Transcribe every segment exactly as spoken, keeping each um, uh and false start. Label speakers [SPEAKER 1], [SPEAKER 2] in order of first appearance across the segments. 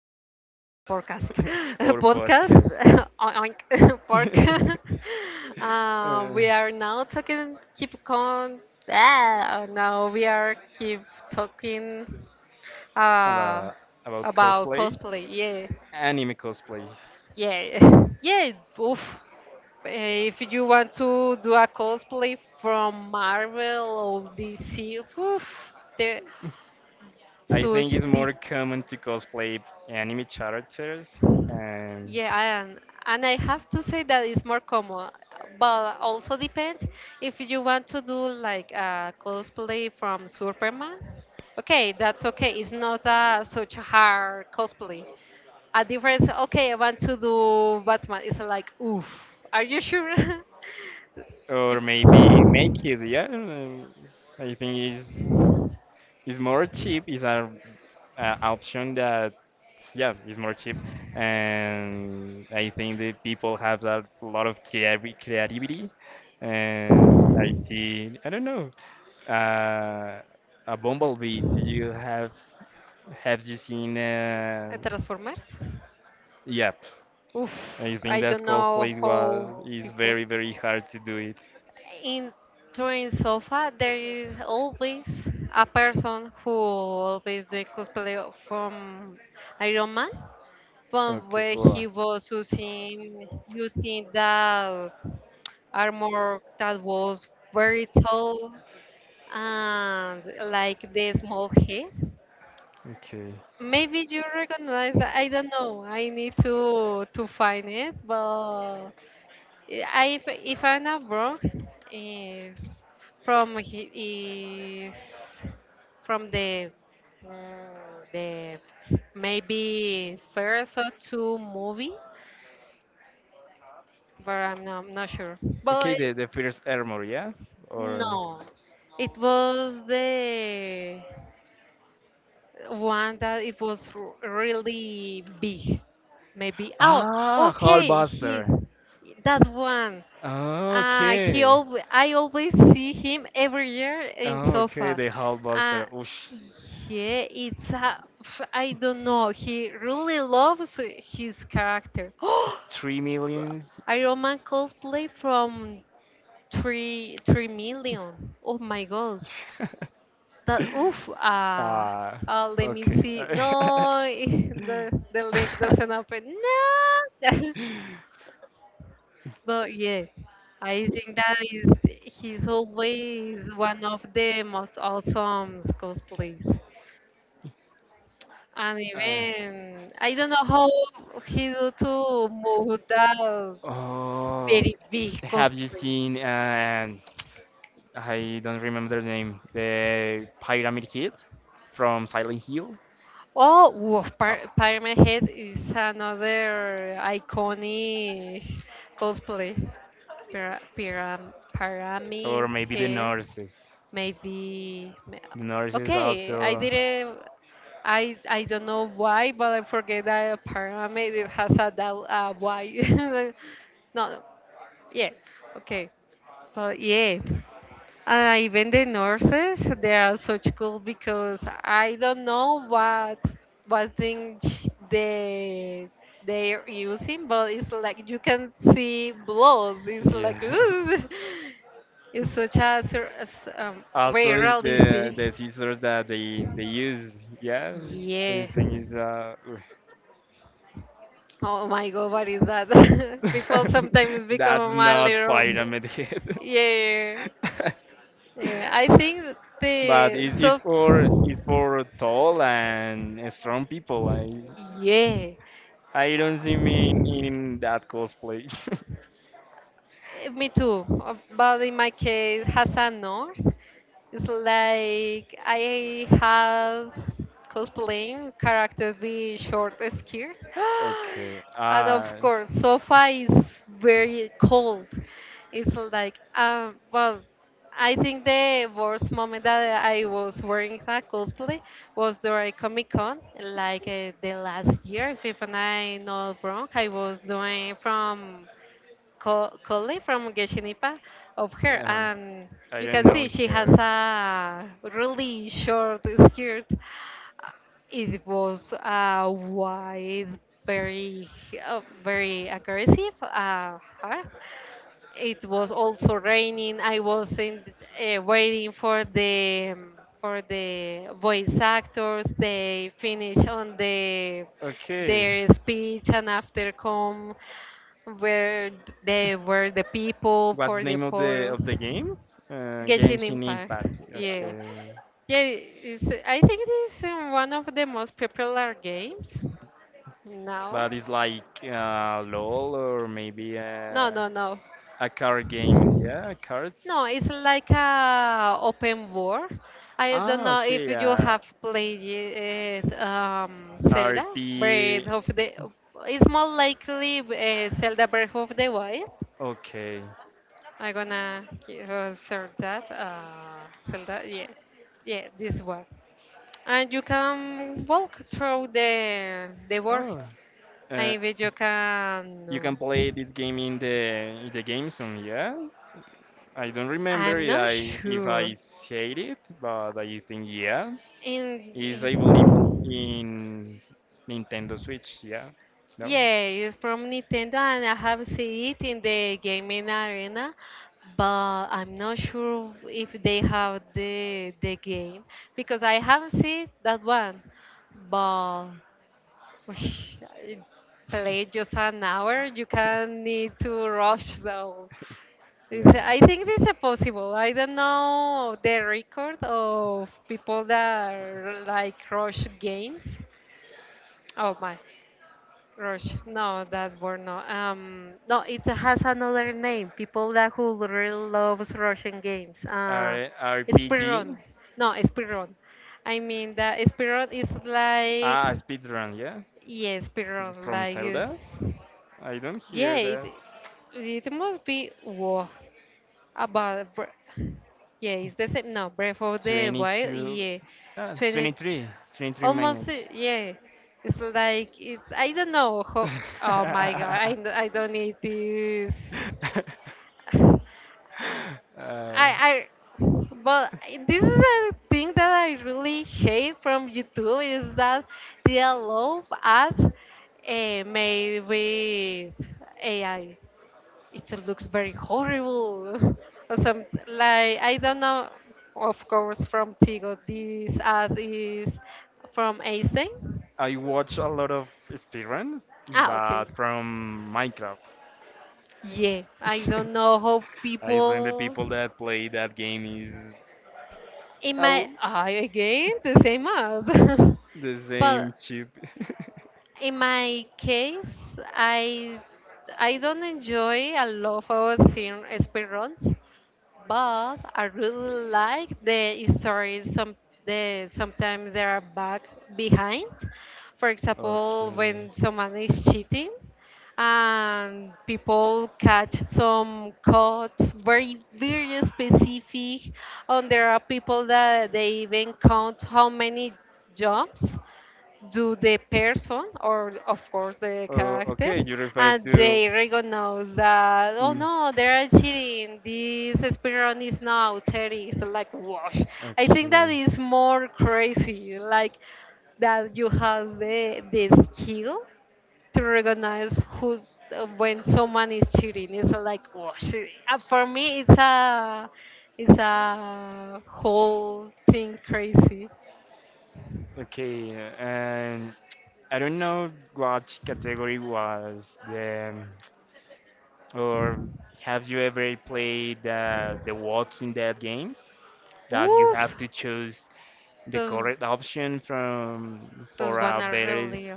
[SPEAKER 1] podcast, podcast,
[SPEAKER 2] our podcast.
[SPEAKER 1] podcast, oink, pork. uh,
[SPEAKER 2] uh,
[SPEAKER 1] we are now talking, keep con. Ah, now we are keep talking uh,
[SPEAKER 2] about about
[SPEAKER 1] about
[SPEAKER 2] cosplay,
[SPEAKER 1] cosplay. Yeah,
[SPEAKER 2] anime cosplay.
[SPEAKER 1] yeah, yeah. Oof. Eh, If you want to do a cosplay from Marvel or D C, oof, the,
[SPEAKER 2] I
[SPEAKER 1] such
[SPEAKER 2] think it's
[SPEAKER 1] details.
[SPEAKER 2] more common to cosplay anime characters. And
[SPEAKER 1] Yeah, and and I have to say that it's more common, but also depends if you want to do like a cosplay from Superman. Okay, that's okay. It's not a, such a hard cosplay. A difference, okay, I want to do Batman. It's like, oof, are you sure?
[SPEAKER 2] or maybe make it, yeah. um, I think is is more cheap, is a, a option that, yeah, is more cheap. And I think the people have a lot of creavi- creativity. And I see, I don't know, uh, a bumblebee. Do you have have you seen, uh,
[SPEAKER 1] Transformers?
[SPEAKER 2] yep.
[SPEAKER 1] Oof,
[SPEAKER 2] I think
[SPEAKER 1] I
[SPEAKER 2] that
[SPEAKER 1] don't know
[SPEAKER 2] cosplay was
[SPEAKER 1] how
[SPEAKER 2] is
[SPEAKER 1] people.
[SPEAKER 2] very very hard to do it.
[SPEAKER 1] In during sofa there is always a person who always doing cosplay from Iron Man from
[SPEAKER 2] Okay.
[SPEAKER 1] where
[SPEAKER 2] Well.
[SPEAKER 1] he was using using that armor that was very tall and like the small head.
[SPEAKER 2] Okay.
[SPEAKER 1] Maybe you recognize that I don't know. I need to to find it, but I, if, if I'm not wrong, is from he is from the mm, the maybe first or two movie, but I'm not, I'm not sure.
[SPEAKER 2] Okay.
[SPEAKER 1] But
[SPEAKER 2] The the first armor, yeah. Or
[SPEAKER 1] no, it was the one that it was r- really big. Maybe oh
[SPEAKER 2] ah,
[SPEAKER 1] okay he
[SPEAKER 2] Hulkbuster.
[SPEAKER 1] that one. Uh, he
[SPEAKER 2] Okay.
[SPEAKER 1] always, I always see him every year in
[SPEAKER 2] Okay.
[SPEAKER 1] sofa.
[SPEAKER 2] The
[SPEAKER 1] Uh,
[SPEAKER 2] Hulkbuster. Oosh.
[SPEAKER 1] yeah, it's a, I don't know. He really loves his character.
[SPEAKER 2] Three millions.
[SPEAKER 1] Iron Man cosplay from three three million. Oh my god, that oof. Uh,
[SPEAKER 2] Ah.
[SPEAKER 1] uh, let me
[SPEAKER 2] Okay.
[SPEAKER 1] see. No, the the link doesn't open. No. But yeah, I think that is he's always one of the most awesome cosplays. And
[SPEAKER 2] Uh,
[SPEAKER 1] even I don't know how he do to move that
[SPEAKER 2] Oh,
[SPEAKER 1] very big
[SPEAKER 2] have you
[SPEAKER 1] cosplay.
[SPEAKER 2] seen? Uh, I don't remember the name. The Pyramid Kid from Silent Hill.
[SPEAKER 1] Oh, whoa, Pir-
[SPEAKER 2] Ah,
[SPEAKER 1] Pyramid Head is another iconic cosplay. Pira- piram-
[SPEAKER 2] or
[SPEAKER 1] Pyramid
[SPEAKER 2] maybe the
[SPEAKER 1] Head,
[SPEAKER 2] nurses.
[SPEAKER 1] maybe.
[SPEAKER 2] The
[SPEAKER 1] ma-
[SPEAKER 2] nurses
[SPEAKER 1] Okay, I
[SPEAKER 2] also.
[SPEAKER 1] didn't. I I don't know why, but I forget that a pyramid it has a dal uh, why. No, no, yeah, okay, but yeah. And even the nurses, they are such cool because I don't know what what thing sh- they they are using, but it's like you can see blood. It's like
[SPEAKER 2] Yeah.
[SPEAKER 1] ooh, it's such a, sur- a s- um, very
[SPEAKER 2] Also, is the
[SPEAKER 1] realistic.
[SPEAKER 2] the scissors that they they use. Yeah, I
[SPEAKER 1] Yeah.
[SPEAKER 2] think is uh.
[SPEAKER 1] Oh my god, what is that? People sometimes become
[SPEAKER 2] That's
[SPEAKER 1] a
[SPEAKER 2] not
[SPEAKER 1] little.
[SPEAKER 2] Pyramid Head.
[SPEAKER 1] Yeah, yeah. I think
[SPEAKER 2] But
[SPEAKER 1] the
[SPEAKER 2] it,
[SPEAKER 1] so.
[SPEAKER 2] it's for it's for tall and strong people. I
[SPEAKER 1] Yeah.
[SPEAKER 2] I don't see me in, in that cosplay.
[SPEAKER 1] Eh, Me too. Uh, But in my case, Hassan knows. It's like I have cosplaying character be short skirt.
[SPEAKER 2] Okay.
[SPEAKER 1] And of
[SPEAKER 2] Uh,
[SPEAKER 1] course, sofa is very cold. It's like, um, well, I think the worst moment that I was wearing a cosplay was during Comic Con, like uh, the last year, if I'm not wrong. I was doing from co- colleague from Geshinipa of her,
[SPEAKER 2] um,
[SPEAKER 1] and
[SPEAKER 2] I
[SPEAKER 1] you
[SPEAKER 2] don't
[SPEAKER 1] can
[SPEAKER 2] know
[SPEAKER 1] see she has
[SPEAKER 2] here.
[SPEAKER 1] a really short skirt. It was uh, wide, very, uh, very aggressive, uh, hard, it was also raining. I was in, uh, waiting for the um, for the voice actors. They finish on the
[SPEAKER 2] Okay.
[SPEAKER 1] their speech and after come where they were the people
[SPEAKER 2] What's
[SPEAKER 1] for
[SPEAKER 2] the
[SPEAKER 1] the
[SPEAKER 2] name of the
[SPEAKER 1] photos.
[SPEAKER 2] of the game? Uh,
[SPEAKER 1] Genshin
[SPEAKER 2] Genshin
[SPEAKER 1] Impact.
[SPEAKER 2] Impact.
[SPEAKER 1] Yeah.
[SPEAKER 2] Okay.
[SPEAKER 1] Yeah, it's, I think it is uh, one of the most popular games now.
[SPEAKER 2] But it's like, uh, LOL, or maybe,
[SPEAKER 1] No,
[SPEAKER 2] uh,
[SPEAKER 1] no, no.
[SPEAKER 2] a card game. Yeah, cards.
[SPEAKER 1] No, it's like a open world. I don't
[SPEAKER 2] Ah,
[SPEAKER 1] know if
[SPEAKER 2] okay.
[SPEAKER 1] you
[SPEAKER 2] Uh,
[SPEAKER 1] have played it, um, Zelda Breath
[SPEAKER 2] R P.
[SPEAKER 1] of the. It's more likely uh, Zelda Breath of the Wild.
[SPEAKER 2] Okay.
[SPEAKER 1] I'm gonna ki- uh, search that. Uh, Zelda, yeah, yeah, this one. And you can walk through the the world.
[SPEAKER 2] Oh, uh,
[SPEAKER 1] And bet you can.
[SPEAKER 2] you
[SPEAKER 1] No,
[SPEAKER 2] can play this game in the in the game soon. Yeah, I don't remember
[SPEAKER 1] I'm
[SPEAKER 2] if
[SPEAKER 1] not
[SPEAKER 2] I if I
[SPEAKER 1] sure.
[SPEAKER 2] said it, but I think yeah,
[SPEAKER 1] In,
[SPEAKER 2] it's
[SPEAKER 1] in
[SPEAKER 2] available in Nintendo Switch. Yeah, no.
[SPEAKER 1] Yeah, it's from Nintendo, and I have seen it in the gaming arena, but I'm not sure if they have the the game because I haven't seen that one. But ush, I play just an hour, you can need to rush. So it's,
[SPEAKER 2] Yeah.
[SPEAKER 1] I think this is possible. I don't know the record of people that like rush games. Oh my. Rush. No, that word no. Um, no, it has another name. People that who really loves Russian games. Uh,
[SPEAKER 2] R
[SPEAKER 1] Spiron.
[SPEAKER 2] RPG.
[SPEAKER 1] No, Spiron. I mean that Spiron is like
[SPEAKER 2] Ah, speedrun. Yeah,
[SPEAKER 1] yeah, Spiron.
[SPEAKER 2] from
[SPEAKER 1] Like is
[SPEAKER 2] Zelda. I don't
[SPEAKER 1] yeah.
[SPEAKER 2] hear
[SPEAKER 1] It,
[SPEAKER 2] that.
[SPEAKER 1] it must be war about Bre- yeah, it's the same. No, Breath of the Wild.
[SPEAKER 2] twenty-two,
[SPEAKER 1] Yeah,
[SPEAKER 2] uh,
[SPEAKER 1] twenty,
[SPEAKER 2] twenty-three, twenty-three
[SPEAKER 1] almost. uh,
[SPEAKER 2] minutes.
[SPEAKER 1] Yeah, it's like it's. I don't know. How, oh my god! I n- I don't need this. I
[SPEAKER 2] Uh,
[SPEAKER 1] I. But this is a thing that I really hate from YouTube is that they allow us uh, made with A I it looks very horrible. Or some like I don't know. Of course, from Tigo. This ad is from Einstein.
[SPEAKER 2] I watch a lot of speedrun,
[SPEAKER 1] Ah, okay.
[SPEAKER 2] but from Minecraft.
[SPEAKER 1] Yeah, I don't know how
[SPEAKER 2] I think the
[SPEAKER 1] people
[SPEAKER 2] people that play that game is
[SPEAKER 1] in my
[SPEAKER 2] all
[SPEAKER 1] ah, again the same ad.
[SPEAKER 2] the
[SPEAKER 1] But
[SPEAKER 2] same chip.
[SPEAKER 1] in my case, I I don't enjoy a lot of seeing speedruns, but I really like the stories. Some the sometimes they are back behind. For example, when someone is cheating, and people catch some codes very very specific, and there are people that they even count how many jobs do the person or of course the
[SPEAKER 2] Uh,
[SPEAKER 1] character,
[SPEAKER 2] okay, you refer.
[SPEAKER 1] and they recognize that, oh no, they are cheating this speedrun is now thirty so like wash. I think that
[SPEAKER 2] I
[SPEAKER 1] is more crazy, like that you have the the skill to recognize who's uh, when someone is cheating. It's like wash. Uh, for me it's a it's a whole thing crazy.
[SPEAKER 2] Okay, and I don't know what category was the. Or have you ever played, uh, the Walking Dead games that you
[SPEAKER 1] Oof.
[SPEAKER 2] have to choose the
[SPEAKER 1] Those
[SPEAKER 2] correct option from
[SPEAKER 1] Those
[SPEAKER 2] for
[SPEAKER 1] one
[SPEAKER 2] a
[SPEAKER 1] are
[SPEAKER 2] better,
[SPEAKER 1] really.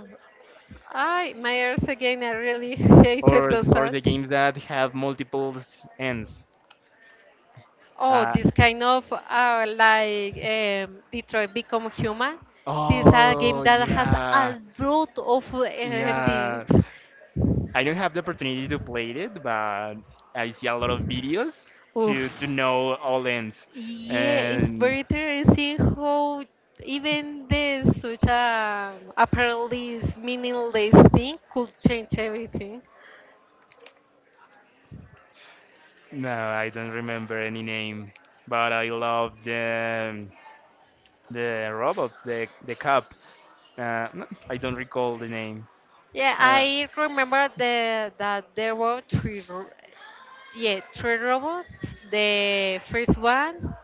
[SPEAKER 1] I my ears again. I really hated
[SPEAKER 2] or
[SPEAKER 1] those
[SPEAKER 2] or
[SPEAKER 1] ads.
[SPEAKER 2] the games that have multiple s- ends?
[SPEAKER 1] Oh,
[SPEAKER 2] Uh,
[SPEAKER 1] this kind of uh, like um, Detroit Become Human. This is a game
[SPEAKER 2] oh
[SPEAKER 1] that has
[SPEAKER 2] yeah,
[SPEAKER 1] a lot of uh,
[SPEAKER 2] yeah.
[SPEAKER 1] endings.
[SPEAKER 2] I don't have the opportunity to play it, but I see a lot of videos
[SPEAKER 1] Oof.
[SPEAKER 2] to to know all ends.
[SPEAKER 1] Yeah, it's
[SPEAKER 2] And
[SPEAKER 1] very interesting how even this such a apparently meaningless thing could change everything.
[SPEAKER 2] no, I don't remember any name, but I love them, the robot, the the cop. Uh, no, I don't recall the name.
[SPEAKER 1] Yeah,
[SPEAKER 2] Uh,
[SPEAKER 1] I remember the, that there were three r- yeah, three robots. The first one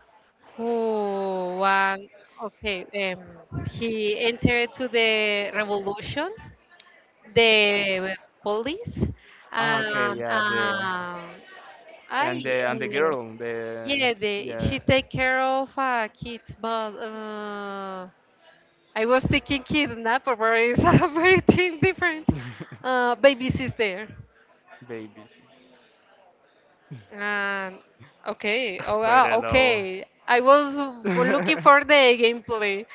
[SPEAKER 1] who won, okay, um, he entered to the revolution, the police,
[SPEAKER 2] ah,
[SPEAKER 1] and
[SPEAKER 2] okay, yeah, the.
[SPEAKER 1] um, I,
[SPEAKER 2] And the, and the
[SPEAKER 1] uh,
[SPEAKER 2] girl, the,
[SPEAKER 1] yeah, the,
[SPEAKER 2] yeah.
[SPEAKER 1] she take care of uh, kids, but uh, I was thinking kidnap, but it's a very thing different. Uh, babies is
[SPEAKER 2] Babies.
[SPEAKER 1] Um, okay. Oh, wow.
[SPEAKER 2] Pedro Lobo.
[SPEAKER 1] Okay. I was for looking for the gameplay.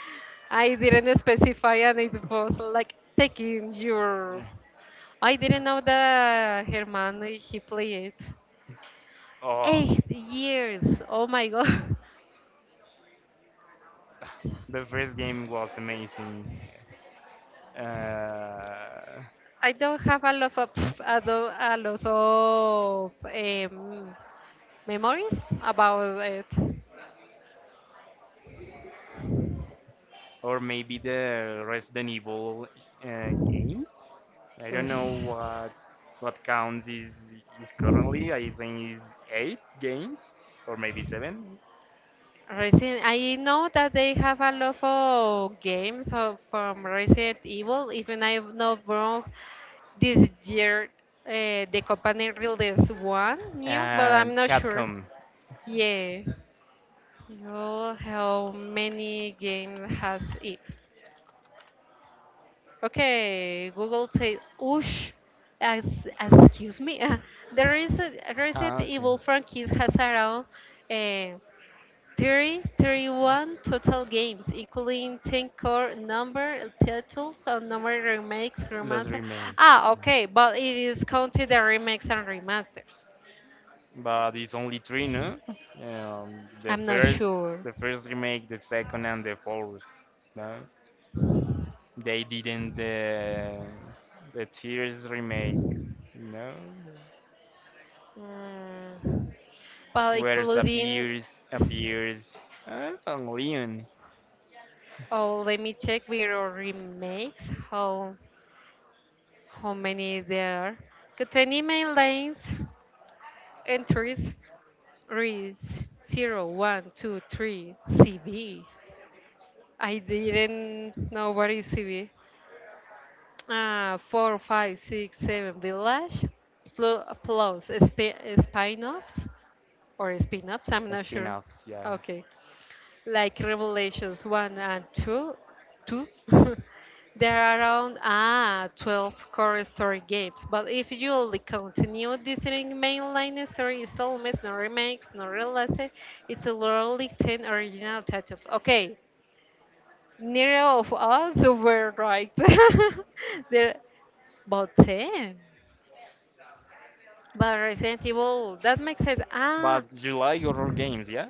[SPEAKER 1] I didn't specify, and it was like taking your. I didn't know that Herman he played
[SPEAKER 2] Oh,
[SPEAKER 1] eight years. Oh my god.
[SPEAKER 2] the first game was amazing. Uh,
[SPEAKER 1] I don't have a lot of I don't, a lot of um, memories about it.
[SPEAKER 2] or maybe the Resident Evil, uh, games. I don't know
[SPEAKER 1] Oosh.
[SPEAKER 2] what what counts is is currently. I think is eight games or maybe seven.
[SPEAKER 1] Resident, I know that they have a lot of games of, from Resident Evil. Even I'm not wrong, this year uh, the company released one new, but
[SPEAKER 2] And
[SPEAKER 1] I'm not sure.
[SPEAKER 2] Capcom.
[SPEAKER 1] Yeah. Google, how many games has it? Okay, Google says, "Oosh, as, excuse me, uh, there is a Resident
[SPEAKER 2] Ah, okay.
[SPEAKER 1] Evil franchise has around." uh, thirty, thirty-one total games, including ten core number titles, and number remakes,
[SPEAKER 2] Los
[SPEAKER 1] remaster.
[SPEAKER 2] remakes.
[SPEAKER 1] Ah, okay, but it is counted the remakes and remasters.
[SPEAKER 2] But it's only three, no? Um, the
[SPEAKER 1] I'm not
[SPEAKER 2] first,
[SPEAKER 1] sure.
[SPEAKER 2] the first remake, the second, and the fourth. No? They didn't the the tears remake. No,
[SPEAKER 1] Mm, but
[SPEAKER 2] where
[SPEAKER 1] including,
[SPEAKER 2] appears appears uh, a Leon
[SPEAKER 1] oh, let me check video remakes, how how many there are. Okay, twenty main lanes, entries, re zero, one, two, three, C B. I didn't know what is C V. Uh, four, five, six, seven village plu- plus sp- spin-offs or spin-offs. I'm not sure.
[SPEAKER 2] spin-offs. Yeah,
[SPEAKER 1] Okay, like Revelations one and two, two. There are around ah twelve core story games. But if you only continue this in mainline story installments, no remakes, no releases, it's literally ten original titles. Okay, neither of us were right. There about ten. But Resident Evil, that makes sense. Ah,
[SPEAKER 2] but you like horror games, yeah?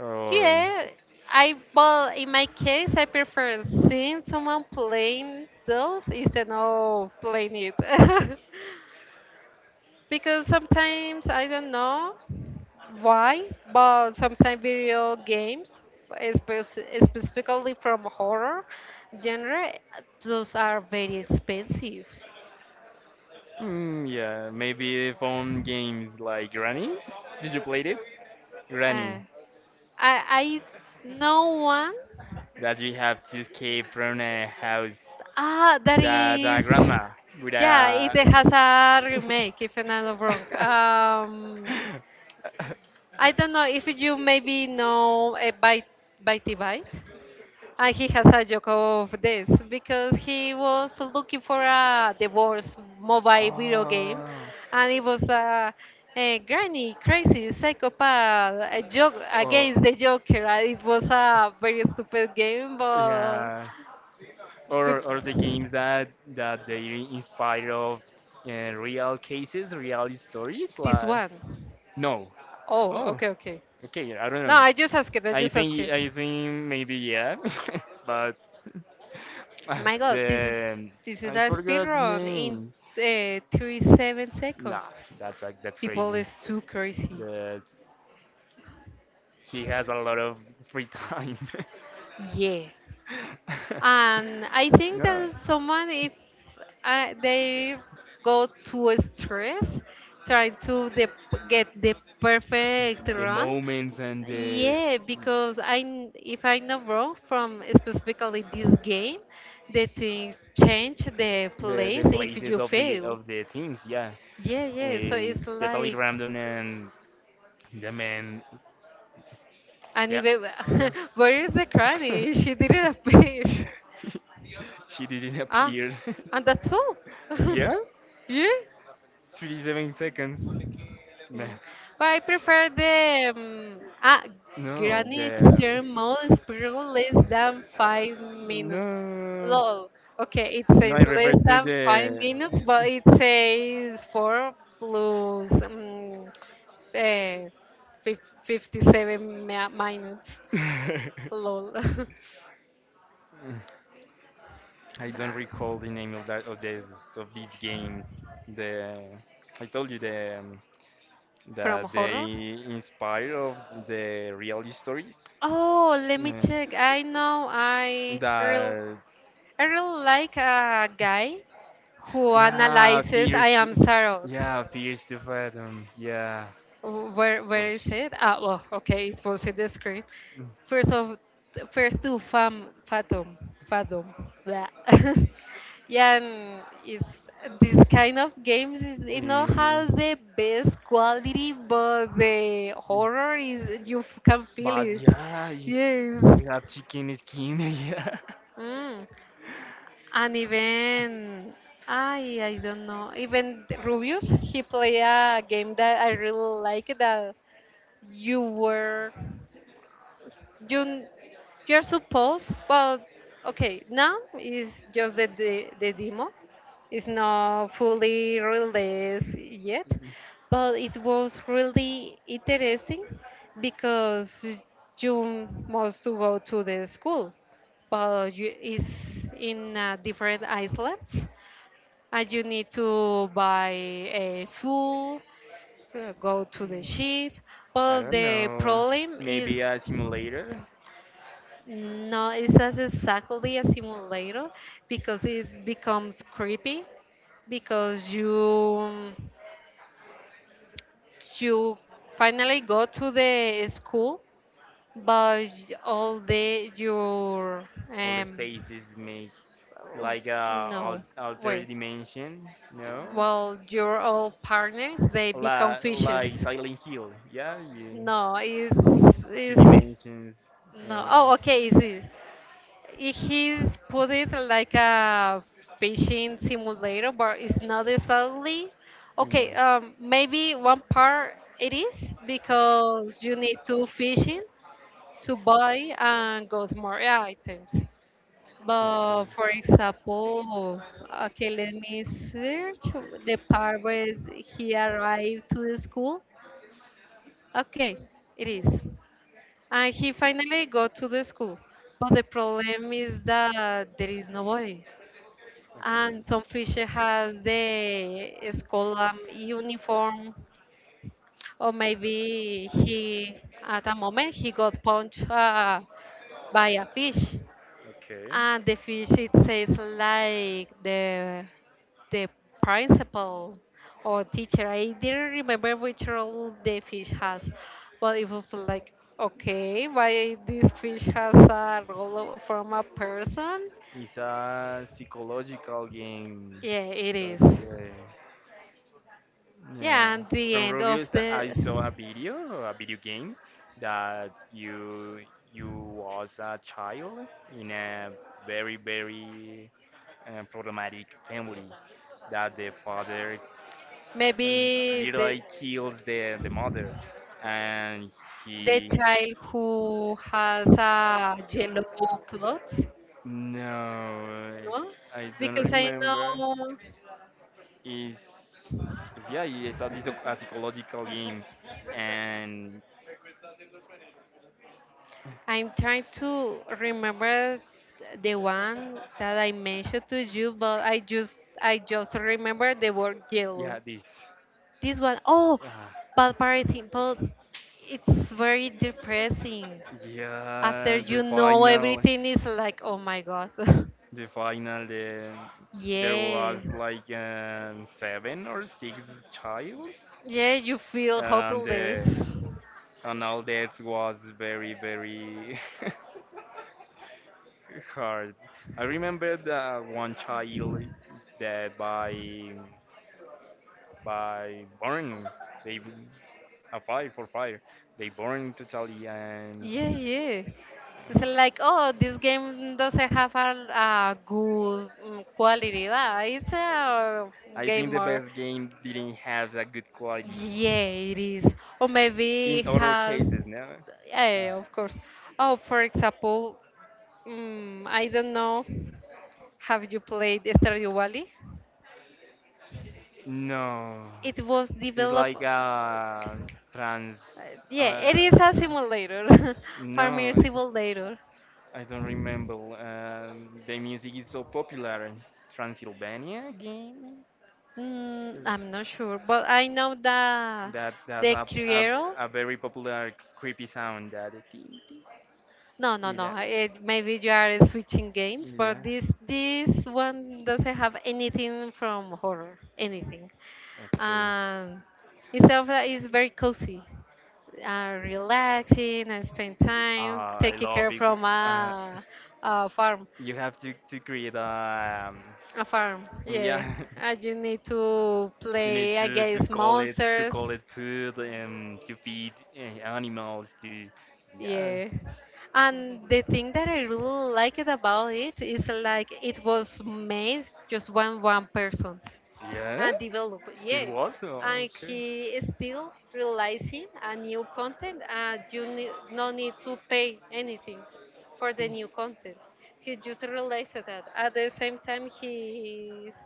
[SPEAKER 2] Or
[SPEAKER 1] yeah. I well, in my case, I prefer seeing someone playing those instead of playing it. Because sometimes I don't know. Why? But sometimes video games, espe- specifically from horror genre, those are very expensive.
[SPEAKER 2] mm, yeah, maybe phone games like Granny. Did you play it?
[SPEAKER 1] Uh,
[SPEAKER 2] Granny,
[SPEAKER 1] I I know one.
[SPEAKER 2] that you have to escape from a house.
[SPEAKER 1] Ah, that
[SPEAKER 2] The, the
[SPEAKER 1] is.
[SPEAKER 2] grandma with
[SPEAKER 1] Yeah, it
[SPEAKER 2] a.
[SPEAKER 1] has a remake, if I'm not wrong. Um, I don't know if you maybe know uh, by by Tibite. And he has a joke of this because he was looking for a divorce mobile video game,
[SPEAKER 2] Oh.
[SPEAKER 1] and it was a, a granny, crazy psychopath, a joke
[SPEAKER 2] Or,
[SPEAKER 1] against the Joker. And it was a very stupid game, but
[SPEAKER 2] yeah.
[SPEAKER 1] pe-
[SPEAKER 2] Or, or the games that, that they inspire of, uh, real cases, real stories.
[SPEAKER 1] this
[SPEAKER 2] Like,
[SPEAKER 1] one.
[SPEAKER 2] no.
[SPEAKER 1] Oh,
[SPEAKER 2] Oh,
[SPEAKER 1] okay, okay.
[SPEAKER 2] okay. I don't
[SPEAKER 1] No,
[SPEAKER 2] know.
[SPEAKER 1] I just asked it. I
[SPEAKER 2] I
[SPEAKER 1] just asked
[SPEAKER 2] think
[SPEAKER 1] it.
[SPEAKER 2] I think maybe yeah. But Ah,
[SPEAKER 1] My God, this is
[SPEAKER 2] the, um,
[SPEAKER 1] this is
[SPEAKER 2] I
[SPEAKER 1] a speed
[SPEAKER 2] forgot the
[SPEAKER 1] run in
[SPEAKER 2] name.
[SPEAKER 1] uh, thirty-seven seconds.
[SPEAKER 2] Nah, that's like, that's
[SPEAKER 1] People
[SPEAKER 2] crazy.
[SPEAKER 1] is too crazy.
[SPEAKER 2] That he has a lot of free time.
[SPEAKER 1] Yeah, and I think
[SPEAKER 2] No,
[SPEAKER 1] that someone if uh, they go to a stress trying to the, get the perfect
[SPEAKER 2] the
[SPEAKER 1] run.
[SPEAKER 2] moments and the.
[SPEAKER 1] Yeah, because I kn- if I know wrong from specifically this game, the things change the
[SPEAKER 2] the the
[SPEAKER 1] place if
[SPEAKER 2] places
[SPEAKER 1] you
[SPEAKER 2] of the
[SPEAKER 1] fail.
[SPEAKER 2] of the things, yeah,
[SPEAKER 1] Yeah, yeah. So it's
[SPEAKER 2] is totally
[SPEAKER 1] like,
[SPEAKER 2] random and the man.
[SPEAKER 1] and
[SPEAKER 2] Yeah,
[SPEAKER 1] even
[SPEAKER 2] yeah.
[SPEAKER 1] where is the cranny? She didn't appear.
[SPEAKER 2] She didn't
[SPEAKER 1] Ah,
[SPEAKER 2] appear.
[SPEAKER 1] and that's all.
[SPEAKER 2] Yeah?
[SPEAKER 1] Yeah.
[SPEAKER 2] thirty-seven seconds.
[SPEAKER 1] Yeah.
[SPEAKER 2] Meh.
[SPEAKER 1] But I prefer the um, ah
[SPEAKER 2] No,
[SPEAKER 1] granny
[SPEAKER 2] the.
[SPEAKER 1] extern mode spiral less than five minutes.
[SPEAKER 2] No.
[SPEAKER 1] Lol. Okay, it
[SPEAKER 2] No,
[SPEAKER 1] says
[SPEAKER 2] I refer
[SPEAKER 1] less
[SPEAKER 2] to
[SPEAKER 1] than five minutes, but
[SPEAKER 2] the.
[SPEAKER 1] it says four plus um, uh, fif- fifty-seven mi- minutes. Lol.
[SPEAKER 2] I don't
[SPEAKER 1] Uh,
[SPEAKER 2] recall the name of that, of this, of these games. The. I told you the, um,
[SPEAKER 1] From
[SPEAKER 2] that they
[SPEAKER 1] horror?
[SPEAKER 2] inspire of the real stories.
[SPEAKER 1] Oh, let me
[SPEAKER 2] Mm,
[SPEAKER 1] check. I know I real
[SPEAKER 2] That,
[SPEAKER 1] I really like a guy who
[SPEAKER 2] yeah,
[SPEAKER 1] analyzes I
[SPEAKER 2] fears.
[SPEAKER 1] am
[SPEAKER 2] To,
[SPEAKER 1] Sarok.
[SPEAKER 2] yeah, fears to fathom. Yeah.
[SPEAKER 1] Oh, Where where
[SPEAKER 2] Uy.
[SPEAKER 1] is it? Ah, well, okay, it was in the screen. First of, first two, fam, fathom, Fathom. Blah. Yeah, and it's this kind of games. is- It not
[SPEAKER 2] Eh,
[SPEAKER 1] has the best quality, but the horror is you f- can feel
[SPEAKER 2] but
[SPEAKER 1] it.
[SPEAKER 2] yeah, you,
[SPEAKER 1] Yes.
[SPEAKER 2] you have chicken skin.
[SPEAKER 1] Mm. And even I I don't know. Even Rubius, he play a game that I really like that you were you you're supposed but okay now is just the, the the demo, it's not fully released yet
[SPEAKER 2] Yeah.
[SPEAKER 1] but it was really interesting because you must to go to the school, but you, it's in uh, different islands and you need to buy a fuel, uh, go to the ship,
[SPEAKER 2] I
[SPEAKER 1] but
[SPEAKER 2] don't
[SPEAKER 1] the
[SPEAKER 2] know.
[SPEAKER 1] problem is
[SPEAKER 2] Maybe a simulator.
[SPEAKER 1] no, it's as exactly a simulator because it becomes creepy because you you finally go to the school, but all the your
[SPEAKER 2] All the
[SPEAKER 1] um
[SPEAKER 2] spaces make like a al
[SPEAKER 1] no
[SPEAKER 2] altered
[SPEAKER 1] wait,
[SPEAKER 2] dimension. No.
[SPEAKER 1] well your old partners they become
[SPEAKER 2] La, like
[SPEAKER 1] fishes.
[SPEAKER 2] Silent Hill, yeah, yeah.
[SPEAKER 1] No, it's
[SPEAKER 2] Two
[SPEAKER 1] it's
[SPEAKER 2] dimensions.
[SPEAKER 1] no,
[SPEAKER 2] Uh,
[SPEAKER 1] oh okay is it he's put it like a fishing simulator, but it's not exactly.
[SPEAKER 2] yeah.
[SPEAKER 1] Okay, um, maybe one part it is because you need to fishing to buy and go to more items.
[SPEAKER 2] Okay.
[SPEAKER 1] But for example, okay, let me search the part where he arrived to the school. Okay, it is. And he finally got to the school. But the problem is that there is nobody.
[SPEAKER 2] Okay.
[SPEAKER 1] And some fish has the school um, uniform, or maybe he, at a moment, he got punched uh, by a fish.
[SPEAKER 2] Okay.
[SPEAKER 1] And the fish, it says like the the principal or teacher. I didn't remember which role the fish has, but it was like, okay, why this fish has a role of- from a person?
[SPEAKER 2] It's a psychological game.
[SPEAKER 1] Yeah, it is.
[SPEAKER 2] Okay. Yeah.
[SPEAKER 1] Yeah, and the
[SPEAKER 2] From
[SPEAKER 1] end of
[SPEAKER 2] reviews, that I saw
[SPEAKER 1] the
[SPEAKER 2] a video, a video game that you you was a child in a very very, uh, problematic family, that the father, mm,
[SPEAKER 1] maybe the
[SPEAKER 2] literally kills the the mother, and
[SPEAKER 1] the
[SPEAKER 2] he.
[SPEAKER 1] child who has a yellow clothes,
[SPEAKER 2] No,
[SPEAKER 1] no?
[SPEAKER 2] I don't
[SPEAKER 1] Because I
[SPEAKER 2] remember,
[SPEAKER 1] know.
[SPEAKER 2] is is yeah, it's a, psycho- a psychological game, and
[SPEAKER 1] I'm trying to remember the one that I mentioned to you, but I just I just remember the word yellow.
[SPEAKER 2] yeah this.
[SPEAKER 1] This one, oh,
[SPEAKER 2] Ah.
[SPEAKER 1] but parenting, but it's very depressing. After
[SPEAKER 2] Yeah, the
[SPEAKER 1] you know
[SPEAKER 2] final,
[SPEAKER 1] everything is like, oh my god.
[SPEAKER 2] the final, the, there
[SPEAKER 1] Yeah.
[SPEAKER 2] was like, um, seven or six childs,
[SPEAKER 1] Yeah, you feel
[SPEAKER 2] and
[SPEAKER 1] hopeless.
[SPEAKER 2] uh, and all that was very very hard. I remember the one child that by by burn, they a fire for fire, they burned totally, and
[SPEAKER 1] Yeah, yeah, it's like, oh, this game doesn't have a, a good mm, quality. Ah, it's a
[SPEAKER 2] I think the
[SPEAKER 1] gamer.
[SPEAKER 2] best game didn't have that good quality
[SPEAKER 1] Yeah, it is. Or maybe
[SPEAKER 2] in
[SPEAKER 1] it
[SPEAKER 2] other
[SPEAKER 1] has.
[SPEAKER 2] cases, no?
[SPEAKER 1] Yeah, of course. Oh, for example, mm, I don't know. Have you played Stardew Valley?
[SPEAKER 2] No,
[SPEAKER 1] It was
[SPEAKER 2] it's
[SPEAKER 1] developed.
[SPEAKER 2] like
[SPEAKER 1] Uh,
[SPEAKER 2] a trans.
[SPEAKER 1] Yeah, it is a
[SPEAKER 2] Uh,
[SPEAKER 1] simulator, farming
[SPEAKER 2] no,
[SPEAKER 1] simulator.
[SPEAKER 2] I don't remember. Um, the music is so popular. Transylvania game.
[SPEAKER 1] Mm,
[SPEAKER 2] Is
[SPEAKER 1] I'm not sure, but I know that
[SPEAKER 2] that, that's
[SPEAKER 1] the
[SPEAKER 2] a, a
[SPEAKER 1] Criero.
[SPEAKER 2] a very popular creepy sound. That it- it-
[SPEAKER 1] No, no,
[SPEAKER 2] it-
[SPEAKER 1] no, it, maybe you are switching games, but
[SPEAKER 2] yeah.
[SPEAKER 1] this this one doesn't have anything from horror, anything.
[SPEAKER 2] Okay.
[SPEAKER 1] Um, Instead of that, it's very cozy, uh, relaxing, and spend time
[SPEAKER 2] Ah, I
[SPEAKER 1] taking
[SPEAKER 2] love
[SPEAKER 1] care
[SPEAKER 2] it.
[SPEAKER 1] from
[SPEAKER 2] Uh,
[SPEAKER 1] a, a farm.
[SPEAKER 2] you have to to create a. um,
[SPEAKER 1] A farm, yeah.
[SPEAKER 2] Yeah.
[SPEAKER 1] And you need to
[SPEAKER 2] You need
[SPEAKER 1] play
[SPEAKER 2] to, to
[SPEAKER 1] against
[SPEAKER 2] call it to
[SPEAKER 1] monsters.
[SPEAKER 2] call it food, and to feed, uh, animals. To yeah,
[SPEAKER 1] Yeah. And the thing that I really liked about it is like it was made just one one person
[SPEAKER 2] yeah,
[SPEAKER 1] and developed.
[SPEAKER 2] it
[SPEAKER 1] Yeah.
[SPEAKER 2] was oh,
[SPEAKER 1] And
[SPEAKER 2] okay.
[SPEAKER 1] he is still realizing a new content and you need no need to pay anything for the new content. He just realized that. At the same time he is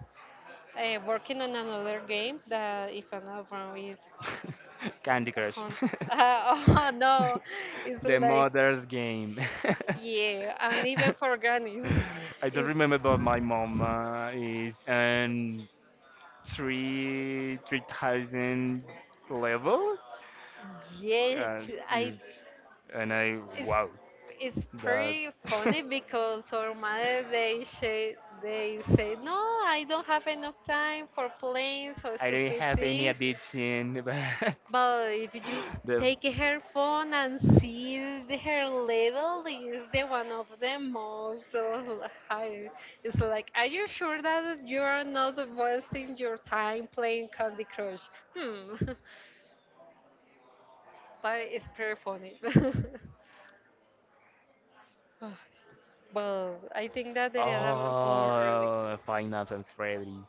[SPEAKER 1] uh, working on another game that if I'm not wrong is
[SPEAKER 2] Candy Crush,
[SPEAKER 1] Hunt. Oh no, it's
[SPEAKER 2] the
[SPEAKER 1] like
[SPEAKER 2] mother's game.
[SPEAKER 1] yeah, and even for grannies.
[SPEAKER 2] I don't remember, but my mom, uh, is an three three thousand level, uh,
[SPEAKER 1] It's, yes, I
[SPEAKER 2] is. And I,
[SPEAKER 1] it's
[SPEAKER 2] wow,
[SPEAKER 1] it's
[SPEAKER 2] that's.
[SPEAKER 1] pretty funny because our mother they say they say no I don't have enough time for playing so
[SPEAKER 2] I don't
[SPEAKER 1] stupid
[SPEAKER 2] have any
[SPEAKER 1] things.
[SPEAKER 2] addiction. But
[SPEAKER 1] But if you just
[SPEAKER 2] the.
[SPEAKER 1] take her phone and see her level is the one of the most uh, high. It's like, are you sure that you are not wasting your time playing Candy Crush? Hmm. But it's pretty funny. Well, I think that there are a lot for, like,
[SPEAKER 2] Oh, Five Nights at Freddy's.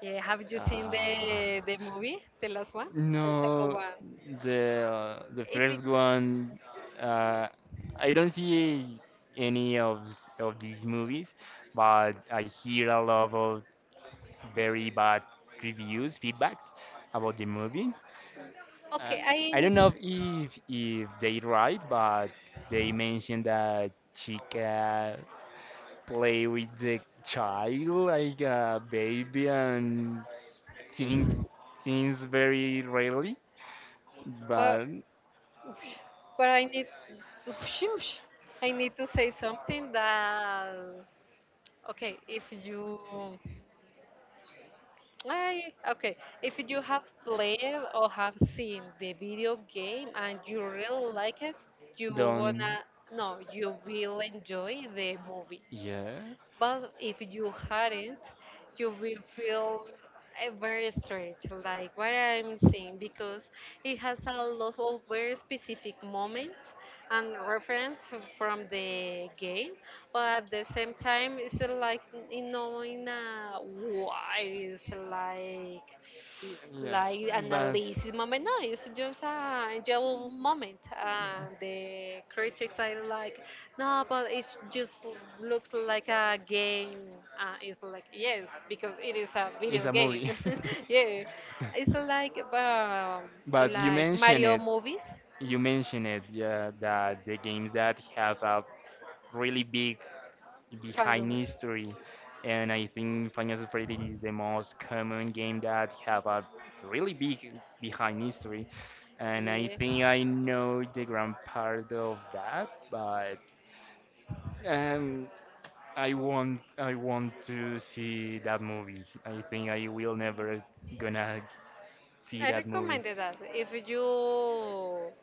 [SPEAKER 1] yeah, have you seen
[SPEAKER 2] Ah.
[SPEAKER 1] the the movie, the last one, the
[SPEAKER 2] No,
[SPEAKER 1] one?
[SPEAKER 2] the, uh, the
[SPEAKER 1] If it,
[SPEAKER 2] first one, uh, I don't see any of s- of these movies, but I hear a lot of very bad reviews, feedbacks about the movie. Uh,
[SPEAKER 1] okay,
[SPEAKER 2] I
[SPEAKER 1] I
[SPEAKER 2] don't know if if they right, but they mentioned that Chica play with the child like a baby and things things very rarely,
[SPEAKER 1] but
[SPEAKER 2] but
[SPEAKER 1] oosh, but I need oosh, oosh, I need to say something that okay, if you I okay, if you have played or have seen the video game and you really like it, you
[SPEAKER 2] don't.
[SPEAKER 1] wanna no, you will enjoy the movie.
[SPEAKER 2] Yeah,
[SPEAKER 1] But if you hadn't, you will feel uh, very strange, like what I'm saying, because it has a lot of very specific moments and reference from the game, but at the same time, it's uh, like n- in knowing uh, why it's like
[SPEAKER 2] yeah,
[SPEAKER 1] like
[SPEAKER 2] but
[SPEAKER 1] analysis moment. No, it's just a enjoyable moment. And the critics I like no, but it just l- looks like a game. Uh, it's like yes, because it is a
[SPEAKER 2] it's
[SPEAKER 1] video
[SPEAKER 2] a
[SPEAKER 1] game.
[SPEAKER 2] movie.
[SPEAKER 1] Yeah, it's like um,
[SPEAKER 2] But you
[SPEAKER 1] like
[SPEAKER 2] mentioned
[SPEAKER 1] Mario
[SPEAKER 2] it.
[SPEAKER 1] movies
[SPEAKER 2] You mentioned it, yeah, that the games that have a really big behind
[SPEAKER 1] fandom.
[SPEAKER 2] history. And I think Final Fantasy is the most common game that have a really big behind history, and I
[SPEAKER 1] Yeah,
[SPEAKER 2] think I know the grand part of that. But um, I want, I want to see that movie. I think I will never gonna see
[SPEAKER 1] I
[SPEAKER 2] that movie.
[SPEAKER 1] recommended that if you will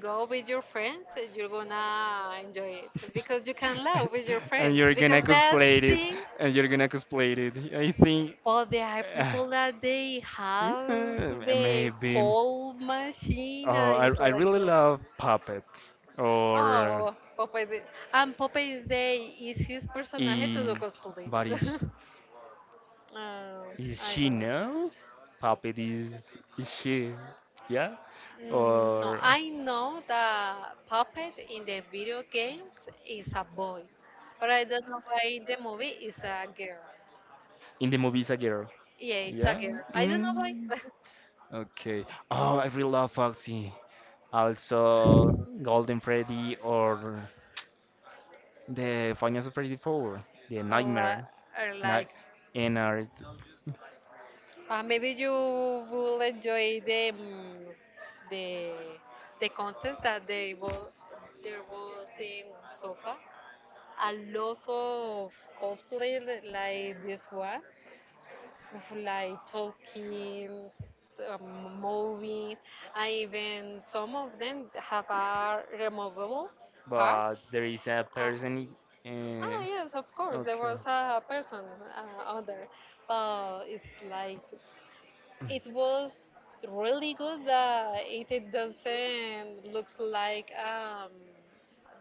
[SPEAKER 1] go with your friends, you're gonna enjoy it because you can laugh with your
[SPEAKER 2] And
[SPEAKER 1] friends
[SPEAKER 2] you're gonna
[SPEAKER 1] because that's
[SPEAKER 2] cosplay it,
[SPEAKER 1] thing.
[SPEAKER 2] and you're gonna cosplay it. I think.
[SPEAKER 1] But there are
[SPEAKER 2] Uh,
[SPEAKER 1] people that they have
[SPEAKER 2] Mm, uh,
[SPEAKER 1] the
[SPEAKER 2] Maybe.
[SPEAKER 1] whole machine,
[SPEAKER 2] Oh,
[SPEAKER 1] and
[SPEAKER 2] I
[SPEAKER 1] it's
[SPEAKER 2] I
[SPEAKER 1] like,
[SPEAKER 2] really
[SPEAKER 1] oh,
[SPEAKER 2] love puppet. Or, uh,
[SPEAKER 1] oh Popeye. the- And Popeye is the easiest personaje to do
[SPEAKER 2] is,
[SPEAKER 1] cosplay.
[SPEAKER 2] but is
[SPEAKER 1] Uh,
[SPEAKER 2] is
[SPEAKER 1] I
[SPEAKER 2] she
[SPEAKER 1] don't know.
[SPEAKER 2] now? Puppet, is is she? Yeah.
[SPEAKER 1] Mm, no,
[SPEAKER 2] Or
[SPEAKER 1] I know that Puppet in the video games is a boy, but I don't know why in the movie is a girl.
[SPEAKER 2] in the movies a girl.
[SPEAKER 1] Yeah, it's a
[SPEAKER 2] Yeah.
[SPEAKER 1] girl. I don't know why.
[SPEAKER 2] Mm. Okay. Oh, I really love Foxy. Also, Golden Freddy or the Final Freddy four, the
[SPEAKER 1] or, li-
[SPEAKER 2] Nightmare.
[SPEAKER 1] or like
[SPEAKER 2] Night in art,
[SPEAKER 1] Uh, maybe you will enjoy the mm, the the contest that they was there was in Sofa. A lot of cosplay li- like this one, of like talking, um, moving, and even some of them have a removable
[SPEAKER 2] but
[SPEAKER 1] parts.
[SPEAKER 2] there is a
[SPEAKER 1] Uh,
[SPEAKER 2] person. Uh,
[SPEAKER 1] ah yes, of course, there
[SPEAKER 2] okay.
[SPEAKER 1] was a person uh, other, but it's like it was really good that it it doesn't looks like um,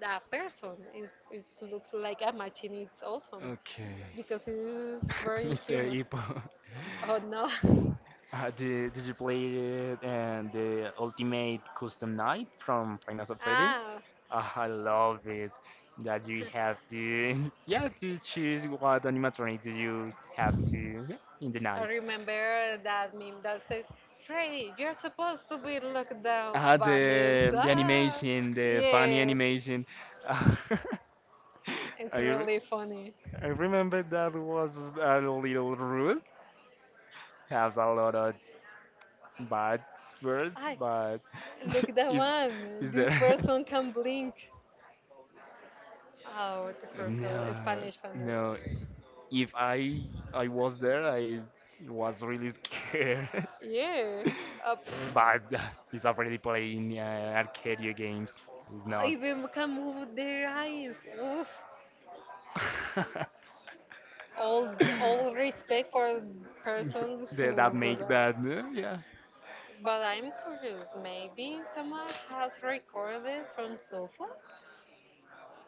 [SPEAKER 1] a person. It, it looks like a machine. It's awesome
[SPEAKER 2] Okay.
[SPEAKER 1] because it is very
[SPEAKER 2] Mister
[SPEAKER 1] human.
[SPEAKER 2] Hippo.
[SPEAKER 1] Oh no.
[SPEAKER 2] Uh, did, did you play it and the Ultimate Custom Night from Final Freddy?
[SPEAKER 1] Ah,
[SPEAKER 2] Ah, I love it, that you have to yeah, to choose what animatronic do you have to, yeah, in the
[SPEAKER 1] I
[SPEAKER 2] night.
[SPEAKER 1] remember that meme that says, Freddy, you're supposed to be locked down,
[SPEAKER 2] Ah, the the
[SPEAKER 1] Vanessa.
[SPEAKER 2] animation, the funny
[SPEAKER 1] Yeah,
[SPEAKER 2] animation. Ah,
[SPEAKER 1] it's
[SPEAKER 2] I
[SPEAKER 1] really
[SPEAKER 2] re-
[SPEAKER 1] funny.
[SPEAKER 2] I remember that was a little rude. Has a lot of bad words,
[SPEAKER 1] I
[SPEAKER 2] but
[SPEAKER 1] look that
[SPEAKER 2] is
[SPEAKER 1] one.
[SPEAKER 2] is
[SPEAKER 1] This
[SPEAKER 2] there?
[SPEAKER 1] person can blink. Oh, the purple
[SPEAKER 2] No,
[SPEAKER 1] Spanish
[SPEAKER 2] no.
[SPEAKER 1] pandero.
[SPEAKER 2] If I I was there, I was really scared.
[SPEAKER 1] Yeah. Uh,
[SPEAKER 2] But
[SPEAKER 1] pff.
[SPEAKER 2] uh, it's already playing, uh, arcade games. It's
[SPEAKER 1] I
[SPEAKER 2] not.
[SPEAKER 1] even can move their eyes. Oof. All all respect for persons
[SPEAKER 2] The-
[SPEAKER 1] who
[SPEAKER 2] that
[SPEAKER 1] do
[SPEAKER 2] make that,
[SPEAKER 1] that.
[SPEAKER 2] uh, yeah.
[SPEAKER 1] But I'm curious, maybe someone has recorded from sofa?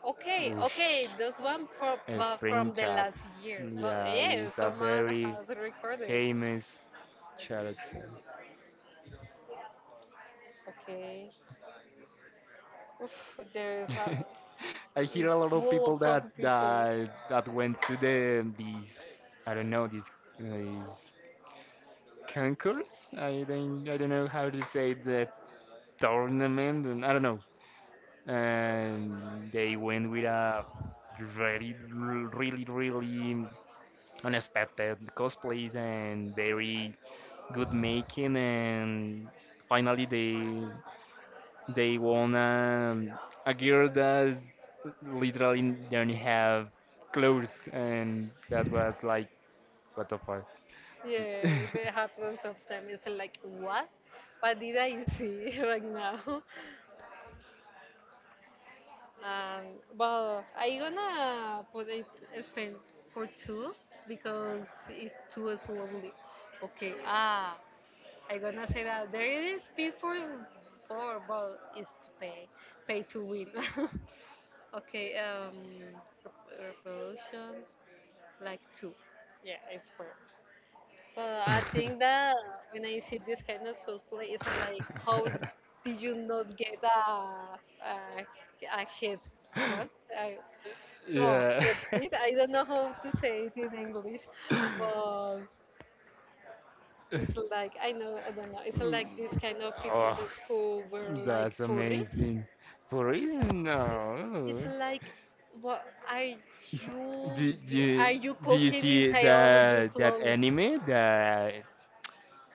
[SPEAKER 1] Okay,
[SPEAKER 2] Oosh.
[SPEAKER 1] okay, those one from but from the
[SPEAKER 2] Springtrap.
[SPEAKER 1] last year. But
[SPEAKER 2] Yeah,
[SPEAKER 1] yeah,
[SPEAKER 2] is a
[SPEAKER 1] someone
[SPEAKER 2] very
[SPEAKER 1] has recorded.
[SPEAKER 2] famous character.
[SPEAKER 1] Okay. Oof, there is ha-
[SPEAKER 2] I hear
[SPEAKER 1] is
[SPEAKER 2] a lot of
[SPEAKER 1] full
[SPEAKER 2] people that
[SPEAKER 1] from people.
[SPEAKER 2] that that went to the these. I don't know these these concourse. I don't I don't know how to say the tournament, and I don't know. And they went with a very really really unexpected cosplays, and very good making. And finally they they won, um, a girl that literally didn't have clothes, and that was like, what the fuck.
[SPEAKER 1] Yeah, they happen sometimes. It's like what? What did I see right now? And well, I gonna put it spend for two because it's too slowly. Okay, ah, I gonna say that there is speed for four, but it's to pay, pay to win. Okay, um, rep- revolution, like two. Yeah, it's for. But I think that when I see this kind of cosplay, it's like, how did you not get a a, a head? What? I, no,
[SPEAKER 2] Yeah.
[SPEAKER 1] head hit. I don't know how to say it in English, but it's like I know I don't know. It's
[SPEAKER 2] Mm,
[SPEAKER 1] like this kind of people
[SPEAKER 2] oh,
[SPEAKER 1] that- who were like
[SPEAKER 2] that's
[SPEAKER 1] furries.
[SPEAKER 2] amazing. For reason,
[SPEAKER 1] It's
[SPEAKER 2] no.
[SPEAKER 1] like, what are you?
[SPEAKER 2] Do, do,
[SPEAKER 1] Are you
[SPEAKER 2] do you
[SPEAKER 1] cooking
[SPEAKER 2] see
[SPEAKER 1] inside of your
[SPEAKER 2] that, that
[SPEAKER 1] clothes?
[SPEAKER 2] anime, the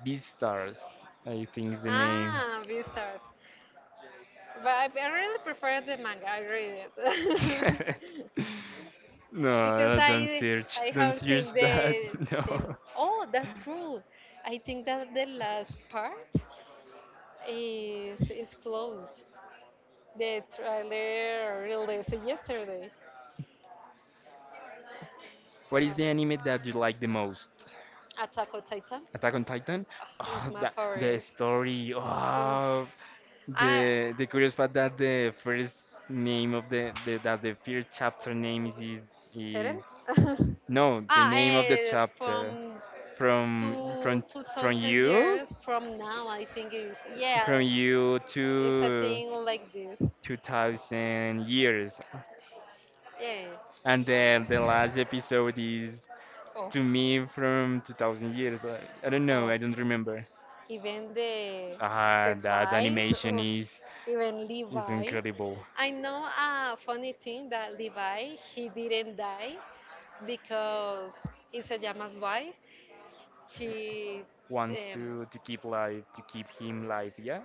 [SPEAKER 2] Beastars? I think is the name.
[SPEAKER 1] Ah, Beastars. But I, I really prefer the manga. I read it. Because
[SPEAKER 2] No, don't
[SPEAKER 1] I
[SPEAKER 2] search,
[SPEAKER 1] I
[SPEAKER 2] don't
[SPEAKER 1] haven't
[SPEAKER 2] search
[SPEAKER 1] seen
[SPEAKER 2] that.
[SPEAKER 1] the the.
[SPEAKER 2] No.
[SPEAKER 1] Oh, that's true. I think that the last part is is closed. The trailer released yesterday.
[SPEAKER 2] What is the anime that you like the most?
[SPEAKER 1] Attack on Titan,
[SPEAKER 2] Attack on Titan.
[SPEAKER 1] ah, is
[SPEAKER 2] Oh,
[SPEAKER 1] my
[SPEAKER 2] that, the
[SPEAKER 1] favorite.
[SPEAKER 2] story.
[SPEAKER 1] Oof.
[SPEAKER 2] Oh,
[SPEAKER 1] I
[SPEAKER 2] the the curious fact that the first name of the, the that the first chapter name is is,
[SPEAKER 1] Eren?
[SPEAKER 2] is. No, the
[SPEAKER 1] ah,
[SPEAKER 2] name of the
[SPEAKER 1] eh,
[SPEAKER 2] chapter,
[SPEAKER 1] from
[SPEAKER 2] from
[SPEAKER 1] two
[SPEAKER 2] from
[SPEAKER 1] two
[SPEAKER 2] from
[SPEAKER 1] thousand
[SPEAKER 2] you,
[SPEAKER 1] years from now, I think is
[SPEAKER 2] from
[SPEAKER 1] yeah,
[SPEAKER 2] you
[SPEAKER 1] a
[SPEAKER 2] to
[SPEAKER 1] thing like this.
[SPEAKER 2] two thousand years.
[SPEAKER 1] Yeah,
[SPEAKER 2] And then the last episode is
[SPEAKER 1] of
[SPEAKER 2] to me from two thousand years. i, I don't know,
[SPEAKER 1] of
[SPEAKER 2] I don't remember.
[SPEAKER 1] even the
[SPEAKER 2] Ah
[SPEAKER 1] the
[SPEAKER 2] that
[SPEAKER 1] fight
[SPEAKER 2] animation
[SPEAKER 1] of
[SPEAKER 2] is
[SPEAKER 1] even
[SPEAKER 2] is
[SPEAKER 1] Levi.
[SPEAKER 2] incredible.
[SPEAKER 1] I know a funny thing that Levi he didn't die because Isayama's wife she
[SPEAKER 2] Wants
[SPEAKER 1] um,
[SPEAKER 2] to to keep life, to keep him life, yeah.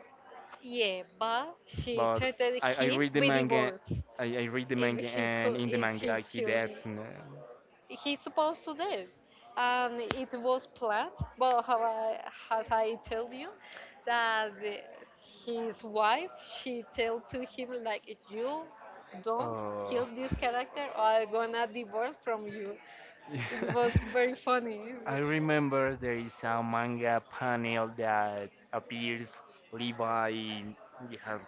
[SPEAKER 1] Yeah, but she
[SPEAKER 2] But
[SPEAKER 1] threatened
[SPEAKER 2] I, I
[SPEAKER 1] him
[SPEAKER 2] read the
[SPEAKER 1] with
[SPEAKER 2] manga.
[SPEAKER 1] divorce
[SPEAKER 2] I, I read the
[SPEAKER 1] if
[SPEAKER 2] manga,
[SPEAKER 1] he
[SPEAKER 2] and
[SPEAKER 1] could,
[SPEAKER 2] in the
[SPEAKER 1] if he
[SPEAKER 2] manga he
[SPEAKER 1] killed him.
[SPEAKER 2] deads, and, uh,
[SPEAKER 1] He's supposed to dead, and it was planned. But how I, as I tell you, that the- his wife she told to him like, you don't
[SPEAKER 2] oh.
[SPEAKER 1] kill this character, or I'm gonna divorce from you. It was very funny. But...
[SPEAKER 2] I remember there is a manga panel that appears Levi, he has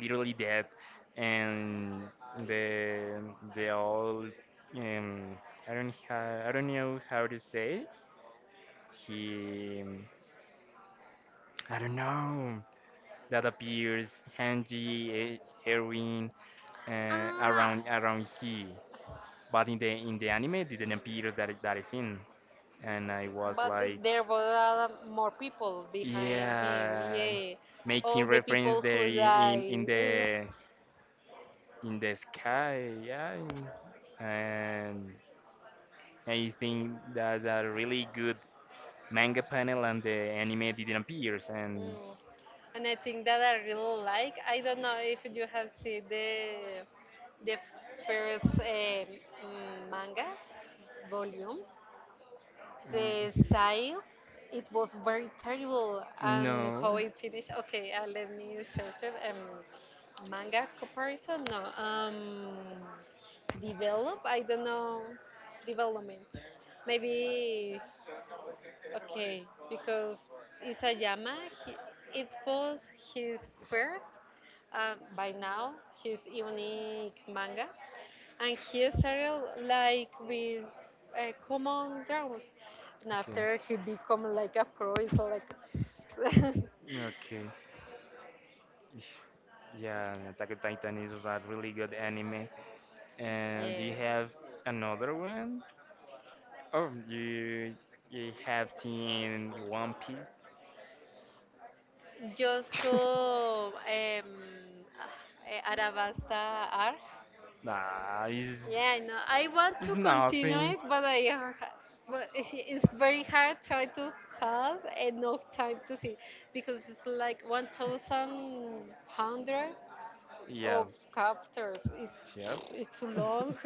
[SPEAKER 2] literally dead, and the the old, um I don't ha I don't know how to say. He, I don't know, that appears Hanji, E- Erwin, uh,
[SPEAKER 1] Ah,
[SPEAKER 2] around around he. But in the in the anime it didn't appear, that, that is in. And I was
[SPEAKER 1] But th-
[SPEAKER 2] like.
[SPEAKER 1] there were uh, more people behind him.
[SPEAKER 2] Yeah,
[SPEAKER 1] Yeah,
[SPEAKER 2] making
[SPEAKER 1] all the
[SPEAKER 2] reference
[SPEAKER 1] people
[SPEAKER 2] there
[SPEAKER 1] who
[SPEAKER 2] in, in,
[SPEAKER 1] died.
[SPEAKER 2] in
[SPEAKER 1] Ugh.
[SPEAKER 2] the in the sky. Yeah, and and I think that's a really good manga panel, and the anime didn't appear. And
[SPEAKER 1] Mm. And I think that I really like. I don't know if you have seen the the first um, mm, mangas volume.
[SPEAKER 2] mm,
[SPEAKER 1] The style it was very terrible and how
[SPEAKER 2] no,
[SPEAKER 1] it finished, okay, uh, let me search it, um, manga comparison, no, um develop, I don't know, development maybe. Okay, because Isayama, he, it was his first, um, by now, his unique manga, and he started like with uh, common draws, and
[SPEAKER 2] okay.
[SPEAKER 1] after he become like a pro, it's like,
[SPEAKER 2] Okay. Ish. Yeah, Attack on Titan is a really good anime. And do
[SPEAKER 1] yeah,
[SPEAKER 2] you have another one? Oh, you you have seen One
[SPEAKER 1] just to
[SPEAKER 2] Piece?
[SPEAKER 1] um, uh, Arabasta ar.
[SPEAKER 2] Nah, it's,
[SPEAKER 1] Yeah, I know. I want to
[SPEAKER 2] it's
[SPEAKER 1] continue
[SPEAKER 2] nothing.
[SPEAKER 1] it, but I are ha- but it- it's very hard try to have enough time to see because it's like one thousand one hundred
[SPEAKER 2] Yeah,
[SPEAKER 1] of chapters. It,
[SPEAKER 2] yep.
[SPEAKER 1] it's too long.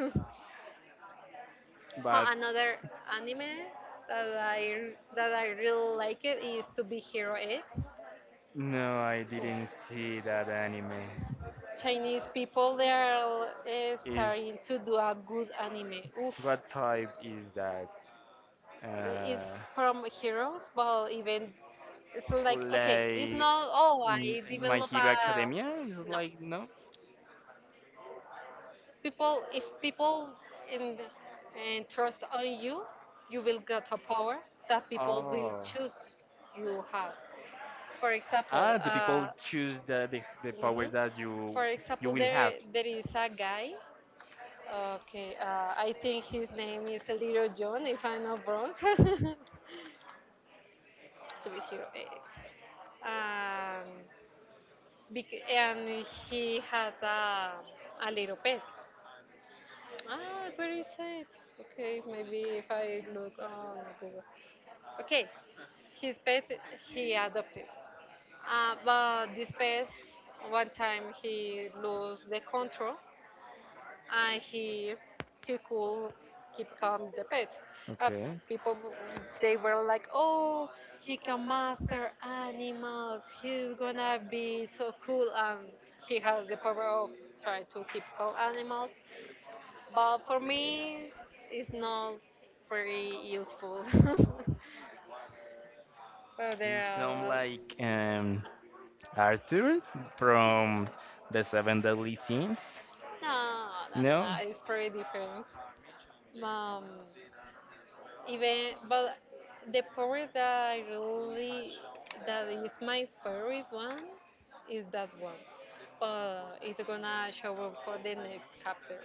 [SPEAKER 1] Oh,
[SPEAKER 2] But
[SPEAKER 1] another anime that I that I really like it is To Be Hero X.
[SPEAKER 2] no, I didn't
[SPEAKER 1] Oof.
[SPEAKER 2] see that anime.
[SPEAKER 1] Chinese people they are uh,
[SPEAKER 2] Is,
[SPEAKER 1] starting to do a good anime. Oof.
[SPEAKER 2] what type is that?
[SPEAKER 1] Is
[SPEAKER 2] uh,
[SPEAKER 1] from heroes, but even it's like okay, it's
[SPEAKER 2] like
[SPEAKER 1] not, oh
[SPEAKER 2] mm,
[SPEAKER 1] I
[SPEAKER 2] My
[SPEAKER 1] develop
[SPEAKER 2] Hero Academia
[SPEAKER 1] a
[SPEAKER 2] is
[SPEAKER 1] no.
[SPEAKER 2] like, no.
[SPEAKER 1] People if people in and trust on you, you will get a power that people will
[SPEAKER 2] Oh.
[SPEAKER 1] choose you have. For example,
[SPEAKER 2] Ah, the people
[SPEAKER 1] uh,
[SPEAKER 2] choose the, the the
[SPEAKER 1] mhm.
[SPEAKER 2] power that you
[SPEAKER 1] For example,
[SPEAKER 2] you will have.
[SPEAKER 1] there there is a guy. Okay, uh, I think his name is Little John, if I'm not wrong. To be hero X. Um, Bec- and he had a, a little pet. Ah, very sad. Okay, maybe if I look on Google. Okay, his pet he adopted. Uh, but this pet, one time he lost the control and he he could keep calm the pet. Uh, people w- they were like, oh, he can master animals. He's gonna be so cool, and he has the power of trying to keep calm animals. But for me, it's not very useful. But there
[SPEAKER 2] Some
[SPEAKER 1] are
[SPEAKER 2] like, um Arthur from the Seven Deadly Sins.
[SPEAKER 1] no, no, no, no.
[SPEAKER 2] No.
[SPEAKER 1] It's pretty different. Um, Even but the part that I really that is my favorite one is that one. But it's gonna show up for the next chapter.